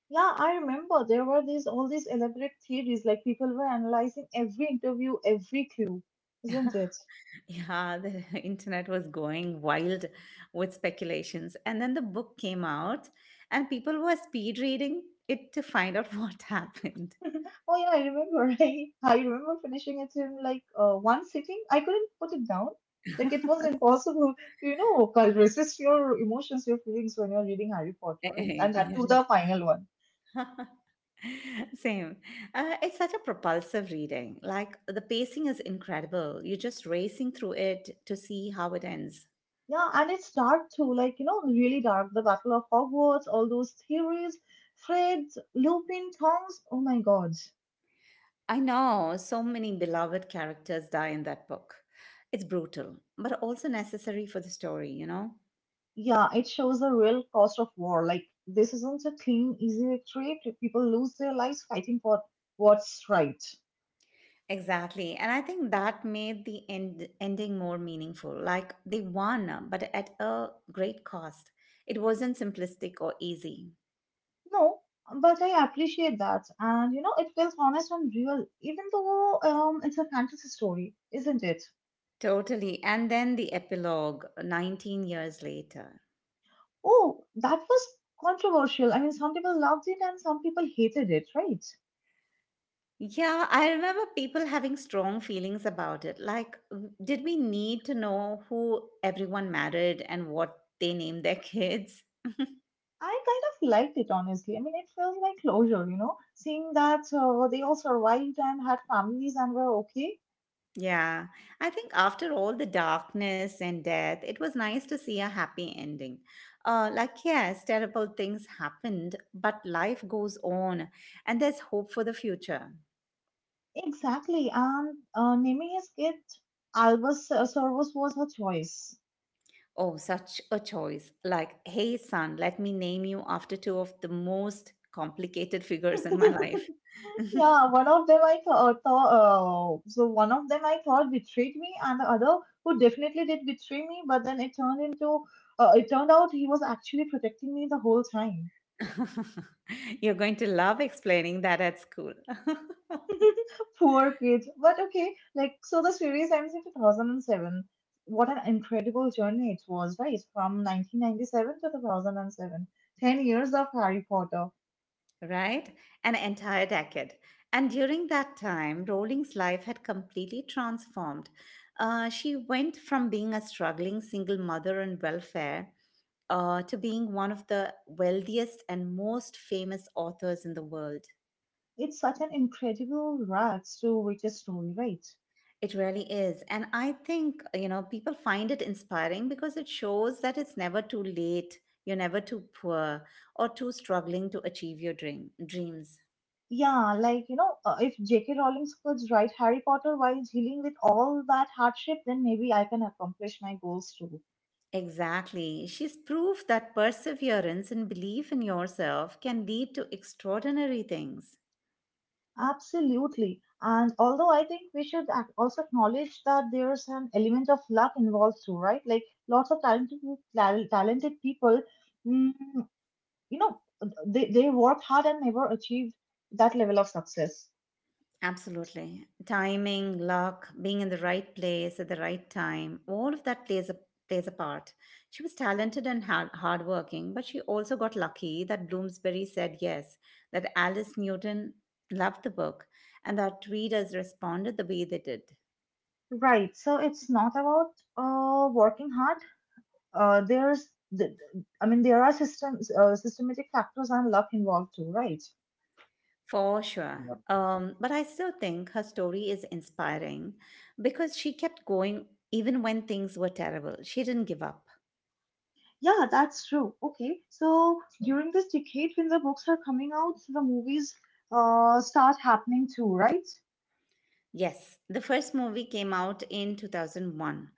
B: Yeah, I remember there were these all these elaborate theories, like people were analyzing every interview, every clue, isn't it?
A: Yeah, the internet was going wild with speculations. And then the book came out, and people were speed reading it to find out what happened.
B: Oh yeah, I remember. I remember finishing it in like one sitting. I couldn't put it down. Like it was impossible to, you know, kind of resist your emotions, your feelings when you're reading Harry Potter, right? And that to
A: Yeah,
B: the final one.
A: same. It's such a propulsive reading. Like the pacing is incredible. You're just racing through it to see how it ends.
B: Yeah, and it's dark too, like, you know, really dark. The Battle of Hogwarts, all those theories, Fred, Lupin, Tongs. Oh my God.
A: I know, so many beloved characters die in that book. It's brutal, but also necessary for the story, you know?
B: Yeah, it shows the real cost of war. Like, this isn't a clean, easy victory. People lose their lives fighting for what's right.
A: Exactly. And I think that made the ending more meaningful. Like they won, but at a great cost. It wasn't simplistic or easy.
B: No, but I appreciate that. And you know, it feels honest and real, even though it's a fantasy story, isn't it?
A: Totally. And then the epilogue 19 years later.
B: Oh, that was controversial. I mean, some people loved it and some people hated it, right?
A: Yeah, I remember people having strong feelings about it. Like, did we need to know who everyone married and what they named their kids?
B: I kind of liked it, honestly. I mean, it felt like closure, you know, seeing that they all survived and had families and were okay.
A: Yeah, I think after all the darkness and death, it was nice to see a happy ending. Like, yes, terrible things happened, but life goes on and there's hope for the future.
B: Exactly. And naming his kid Albus Servus was her choice.
A: Oh, such a choice. Like, hey, son, let me name you after two of the most complicated figures in my life.
B: Yeah, one of them I thought, one of them I thought betrayed me, and the other who definitely did betray me. But then it turned into, It turned out he was actually protecting me the whole time.
A: You're going to love explaining that at school.
B: Poor kid. But okay, like so the series ends in 2007. What an incredible journey it was, right? From 1997 to 2007, 10 years of Harry Potter.
A: Right? An entire decade. And during that time, Rowling's life had completely transformed. She went from being a struggling single mother on welfare to being one of the wealthiest and most famous authors in the world.
B: It's such an incredible rags to riches story, right?
A: It really is. And I think, you know, people find it inspiring because it shows that it's never too late, you're never too poor or too struggling to achieve your dreams.
B: Yeah, like, you know, if J.K. Rowling could write Harry Potter while dealing with all that hardship, then maybe I can accomplish my goals too.
A: Exactly. She's proof that perseverance and belief in yourself can lead to extraordinary things.
B: Absolutely. And although I think we should also acknowledge that there's an element of luck involved too, right? Like, lots of talented people, mm, you know, they worked hard and never achieved that level of success.
A: Absolutely. Timing, luck, being in the right place at the right time, all of that plays a part. She was talented and hardworking, but she also got lucky that Bloomsbury said yes, that Alice Newton loved the book, and that readers responded the way they did.
B: Right. So it's not about working hard. uh, there's the, I mean, there are systems systematic factors and luck involved too, right?
A: For sure. But I still think her story is inspiring because she kept going even when things were terrible. She didn't give up.
B: Yeah, that's true. Okay, so during this decade when the books are coming out, the movies start happening too, right?
A: Yes, the first movie came out in 2001,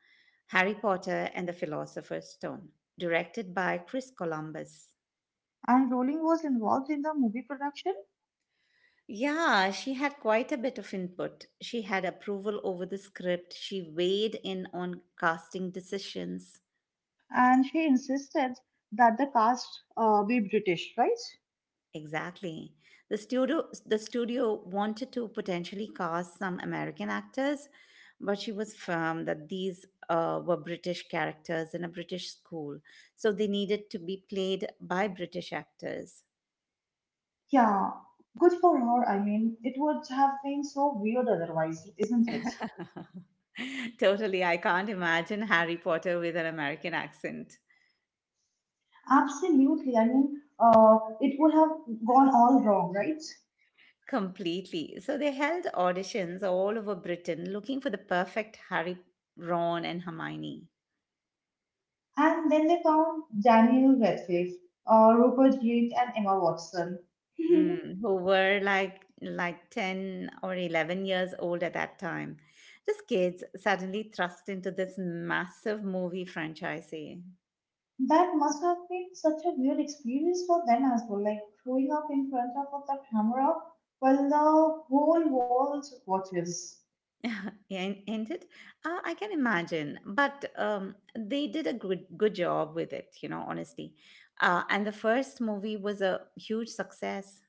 A: Harry Potter and the Philosopher's Stone, directed by Chris Columbus.
B: And Rowling was involved in the movie production,
A: Yeah, she had quite a bit of input. She had approval over the script, she weighed in on casting decisions.
B: and she insisted that the cast be British, right?
A: Exactly. The studio wanted to potentially cast some American actors, but she was firm that these were British characters in a British school, so they needed to be played by British actors.
B: Yeah, good for her. I mean, it would have been so weird otherwise, isn't it?
A: Totally, I can't imagine Harry Potter with an American accent.
B: Absolutely. I mean, it would have gone all wrong, right?
A: Completely. So they held auditions all over Britain looking for the perfect Harry, Ron, and Hermione.
B: And then they found Daniel Radcliffe, Rupert Grint, and Emma Watson.
A: Mm, who were like 10 or 11 years old at that time. Just kids suddenly thrust into this massive movie franchise.
B: That must have been such a weird experience for them as well, like showing up in front of the camera while the whole world watches.
A: Yeah, ain't it? I can imagine, but they did a good job with it, you know, honestly. And the first movie was a huge success.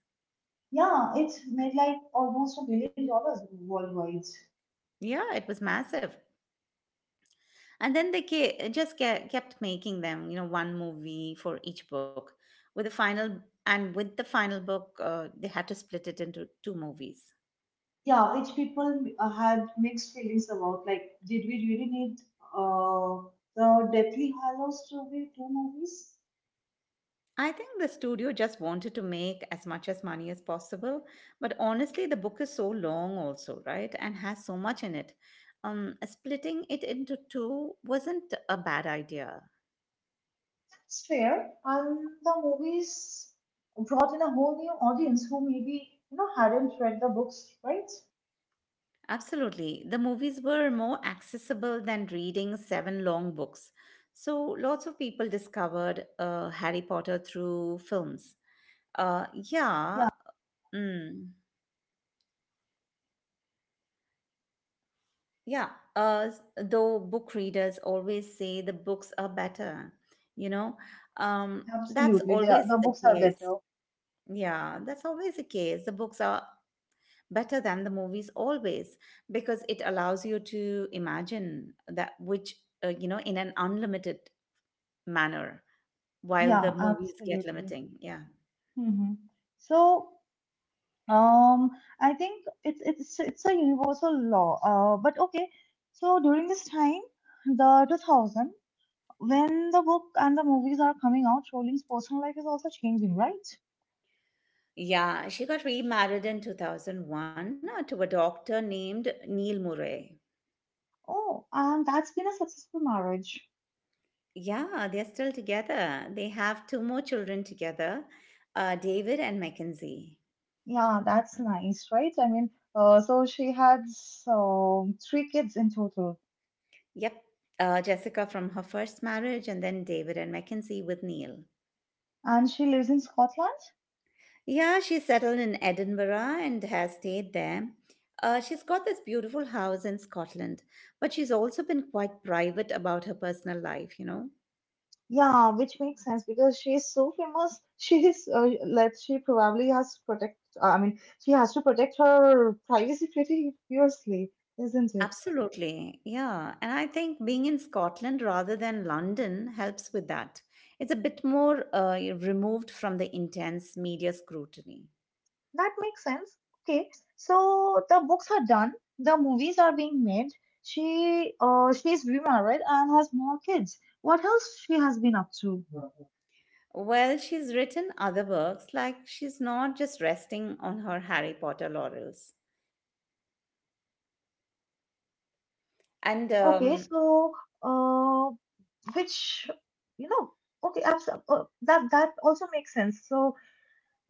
B: Yeah, it made like almost $1 billion worldwide.
A: Yeah, it was massive. And then they kept making them, you know, one movie for each book. With the final book, they had to split it into two movies.
B: Yeah, which people had mixed feelings about, like, did we really need uh, the deathly hallows to be two movies?
A: I think the studio just wanted to make as much as money as possible, but honestly, the book is so long also, right? And has so much in it. Splitting it into two wasn't a bad idea.
B: It's fair, and the movies brought in a whole new audience who maybe, you know, hadn't read the books, right?
A: Absolutely. The movies were more accessible than reading seven long books. So lots of people discovered Harry Potter through films. Uh, yeah. mm, yeah. Though book readers always say the books are better, you know,
B: Yeah.
A: that's
B: Absolutely, they are,
A: always
B: the
A: the
B: books are
A: case.
B: better.
A: Yeah, that's always the case. The books are better than the movies always because it allows you to imagine that which, you know, in an unlimited manner while the
B: Yeah,
A: movies get
B: absolutely.
A: limiting. Yeah.
B: hmm So, um, I think it's a universal law. But okay. So during this time, the 2000. When the book and the movies are coming out, Rollins' personal life is also changing, right?
A: Yeah, she got remarried in 2001 to a doctor named Neil Murray.
B: Oh, and that's been a successful marriage.
A: Yeah, they're still together. They have two more children together, David and Mackenzie.
B: Yeah, that's nice, right? I mean, so she had three kids in total,
A: Yep. Jessica from her first marriage, and then David and Mackenzie with Neil.
B: and she lives in Scotland.
A: Yeah, she settled in Edinburgh and has stayed there. She's got this beautiful house in Scotland, but she's also been quite private about her personal life.
B: Yeah, which makes sense because she is so famous. She is like she probably has protect. I mean, she has to protect her privacy pretty fiercely, isn't it?
A: Absolutely. Yeah. And I think being in Scotland rather than London helps with that. It's a bit more removed from the intense media scrutiny.
B: That makes sense. Okay, so the books are done, the movies are being made. She's remarried and has more kids. What else she has been up to?
A: Well, she's written other works, like she's not just resting on her Harry Potter laurels. And
B: Okay, so uh, which you know, okay, abs- that that also makes sense. So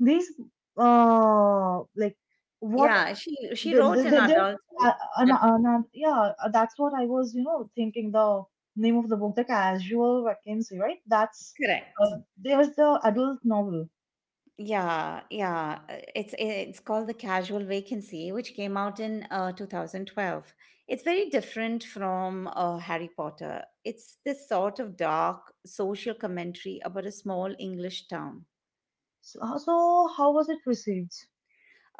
B: these like what
A: yeah, she wrote an
B: the,
A: adult,
B: an- yeah, that's what I was, you know, thinking the name of the book, The Casual Vacancy, right?
A: correct.
B: There's the adult novel.
A: Yeah, yeah. It's called The Casual Vacancy, which came out in 2012. It's very different from Harry Potter. It's this sort of dark social commentary about a small English town.
B: So, so how was it received?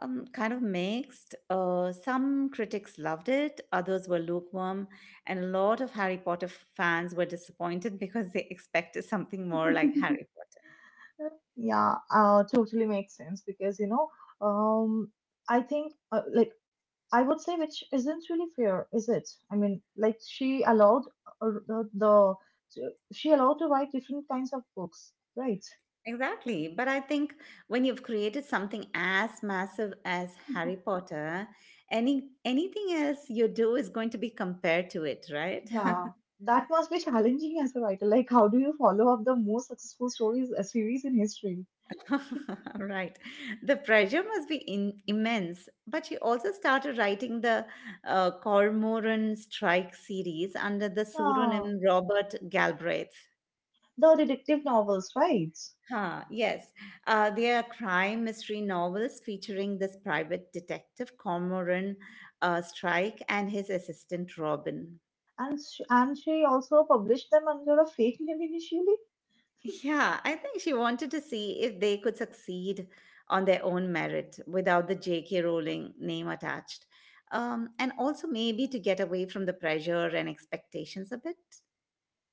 A: Kind of mixed. Some critics loved it, others were lukewarm, and a lot of Harry Potter fans were disappointed because they expected something more like Harry Potter.
B: Yeah, totally makes sense because, you know, um, I think, I would say, which isn't really fair, is it? I mean, like, she allowed uh, the, the, she allowed to write different kinds of books, right?
A: Exactly. But I think when you've created something as massive as Harry Potter, anything else you do is going to be compared to it, right?
B: Yeah, that must be challenging as a writer. Like, how do you follow up the most successful stories series in history?
A: right. The pressure must be immense. But she also started writing the Cormoran Strike series under the
B: Yeah,
A: pseudonym Robert Galbraith.
B: the detective novels, right?
A: Huh, yes. There are crime mystery novels featuring this private detective, Cormoran Strike, and his assistant, Robin.
B: And she also published them under a fake name initially.
A: Yeah, I think she wanted to see if they could succeed on their own merit without the J.K. Rowling name attached. And also maybe to get away from the pressure and expectations a bit.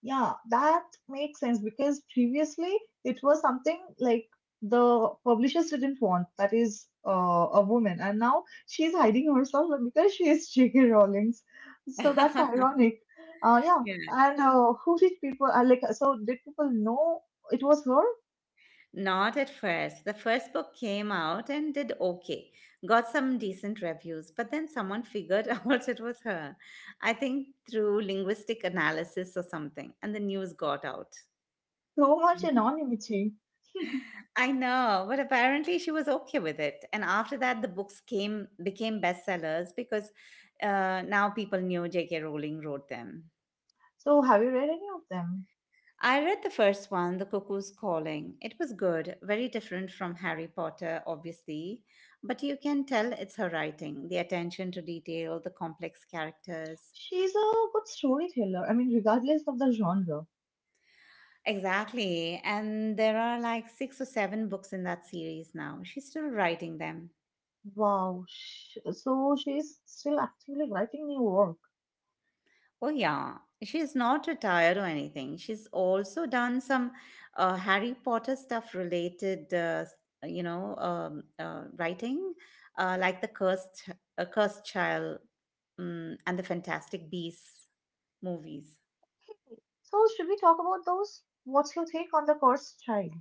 B: Yeah, that makes sense because previously it was something like the publishers didn't want, that is, a woman, and now she's hiding herself because she is J.K. Rowling's. So that's ironic. Yeah,
A: Yeah.
B: and who did people like? So did people know it was her?
A: Not at first. The first book came out and did okay. Got some decent reviews, but then someone figured out it was her. I think through linguistic analysis or something, and the news got out.
B: So much anonymity.
A: I know, but apparently she was okay with it. And after that, the books came became bestsellers because now people knew J.K. Rowling wrote them.
B: So have you read any of them?
A: I read the first one, The Cuckoo's Calling. It was good, very different from Harry Potter, obviously, but you can tell it's her writing, the attention to detail, the complex characters.
B: She's a good storyteller. I mean, regardless of the genre.
A: Exactly, and there are like six or seven books in that series now. She's still writing them.
B: Wow. So she's still actively writing new work.
A: Oh, yeah. She's not retired or anything. She's also done some Harry Potter stuff related, writing, like the Cursed Child and the Fantastic Beasts movies.
B: So, should we talk about those? What's your take on the cursed child?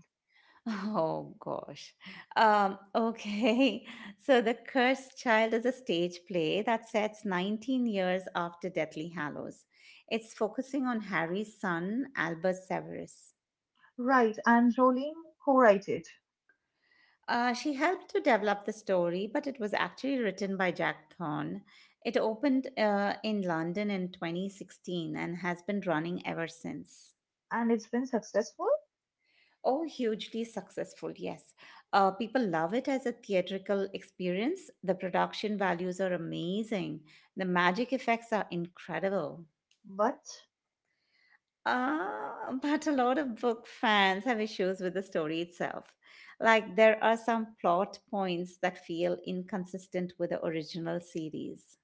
A: Oh gosh. Okay. So The Cursed Child is a stage play that sets 19 years after Deathly Hallows. It's focusing on Harry's son, Albus Severus.
B: Right, and Rowling co-wrote it,
A: She helped to develop the story, but it was actually written by Jack Thorne. It opened in London in 2016 and has been running ever since.
B: and it's been successful,
A: Oh, hugely successful, yes. People love it as a theatrical experience. The production values are amazing, the magic effects are incredible.
B: but
A: But a lot of book fans have issues with the story itself. Like, there are some plot points that feel inconsistent with the original series.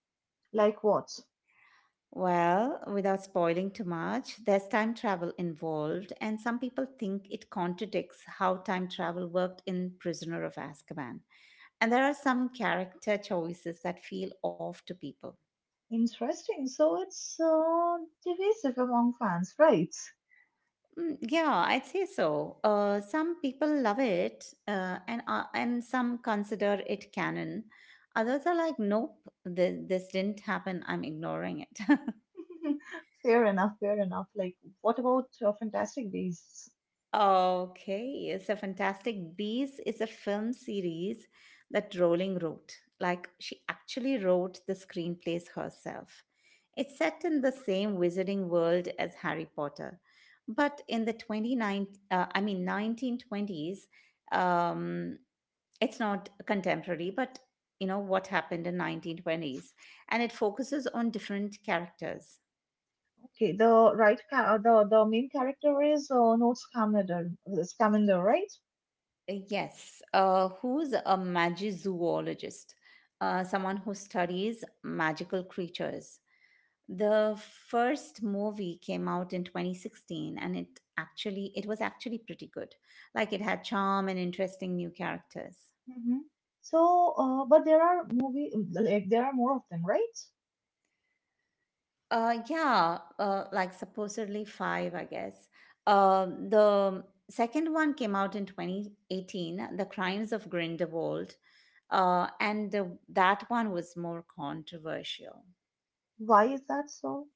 B: like what?
A: Well, without spoiling too much, there's time travel involved, and some people think it contradicts how time travel worked in Prisoner of Azkaban. And there are some character choices that feel off to people.
B: Interesting. So it's divisive among fans, right?
A: Mm, yeah, I'd say so. Some people love it, and some consider it canon. Others are like, nope, this didn't happen. I'm ignoring it.
B: Fair enough. Fair enough. Like, what about Fantastic Beasts?
A: okay, so Fantastic Beasts is a film series that Rowling wrote. Like she actually wrote the screenplays herself. It's set in the same wizarding world as Harry Potter, but in the 29 I mean 1920s. Um. It's not contemporary, but you know what happened in 1920s, and it focuses on different characters.
B: Okay, the right ca- the main character is Newt Scamander, right?
A: Yes, who's a magizoologist? Someone who studies magical creatures. The first movie came out in 2016, and it was actually pretty good. Like it had charm and interesting new characters.
B: hmm So, but there are movie like there are more of them, right?
A: Yeah, like supposedly five, I guess. The second one came out in 2018, The Crimes of Grindelwald, and that one was more controversial.
B: Why is that so?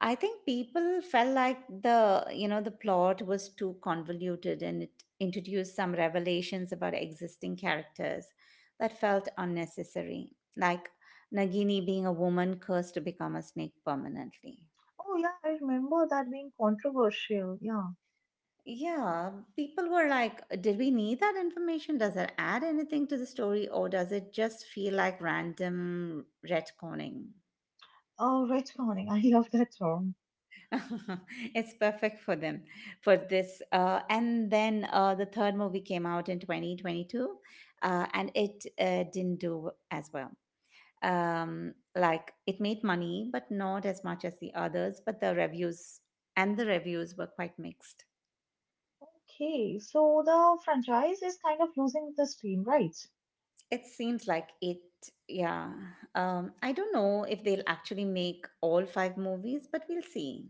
A: I think people felt like the you know the plot was too convoluted and it introduced some revelations about existing characters that felt unnecessary, like Nagini being a woman cursed to become a snake permanently.
B: Oh yeah, I remember that being controversial. Yeah.
A: Yeah, people were like, did we need that information? Does it add anything to the story or does it just feel like random retconning?
B: Oh, retconning. I love that term.
A: it's perfect for this. And then The third movie came out in 2022 and it didn't do as well. Like it made money, but not as much as the others, but the reviews were quite mixed.
B: Okay, so the franchise is kind of losing the steam, right?
A: It seems like it, yeah. I don't know if they'll actually make all five movies, but we'll see.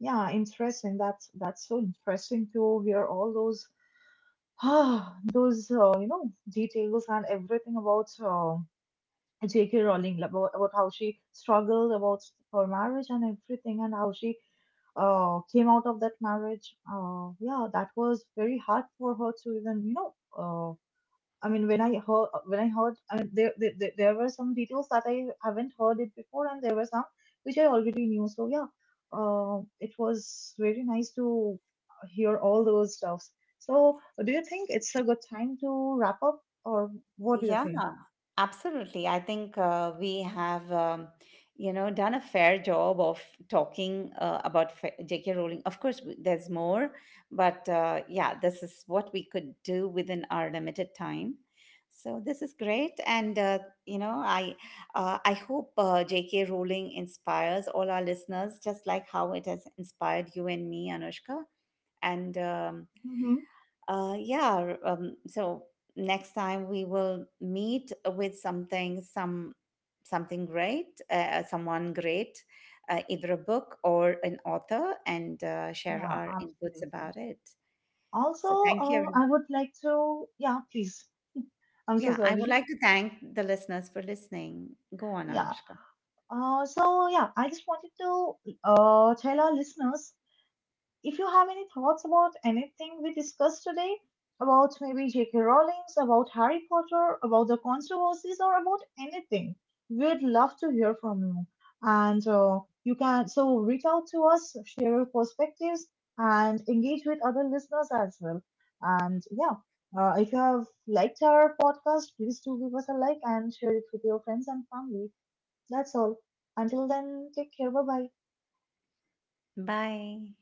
B: Yeah, interesting. That's so interesting to hear all those those you know details and everything about J.K. Rowling, like, about how she struggled about her marriage and everything and how she came out of that marriage. Yeah, that was very hard for her to even, you know, I mean, when I heard, I mean, there were some details that I haven't heard it before, and there were some which I already knew. So yeah, it was very nice to hear all those stuffs. So, do you think it's a good time to wrap up, or what do you
A: Yeah,
B: think?
A: absolutely. I think we have, done a fair job of talking about J.K. Rowling. Of course, there's more, but yeah, this is what we could do within our limited time. So this is great, and you know, I I hope J.K. Rowling inspires all our listeners, just like how it has inspired you and me, Anushka. And
B: Mm-hmm.
A: yeah. r- so next time we will meet with some something great, someone great, either a book or an author, and share
B: Yeah,
A: our inputs
B: absolutely.
A: about it.
B: Also,
A: So thank you. every-
B: I would like to, yeah, please. I'm so
A: Yeah, I would
B: sorry.
A: like to thank the listeners for listening. Go on,
B: Yeah.
A: Anushka.
B: So yeah, I just wanted to tell our listeners, if you have any thoughts about anything we discussed today, about maybe J.K. Rowling's, about Harry Potter, about the controversies, or about anything, we'd love to hear from you. And you can so reach out to us, share your perspectives, and engage with other listeners as well. And yeah, if you have liked our podcast, please do give us a like and share it with your friends and family. That's all. Until then, take care. Bye bye.
A: Bye.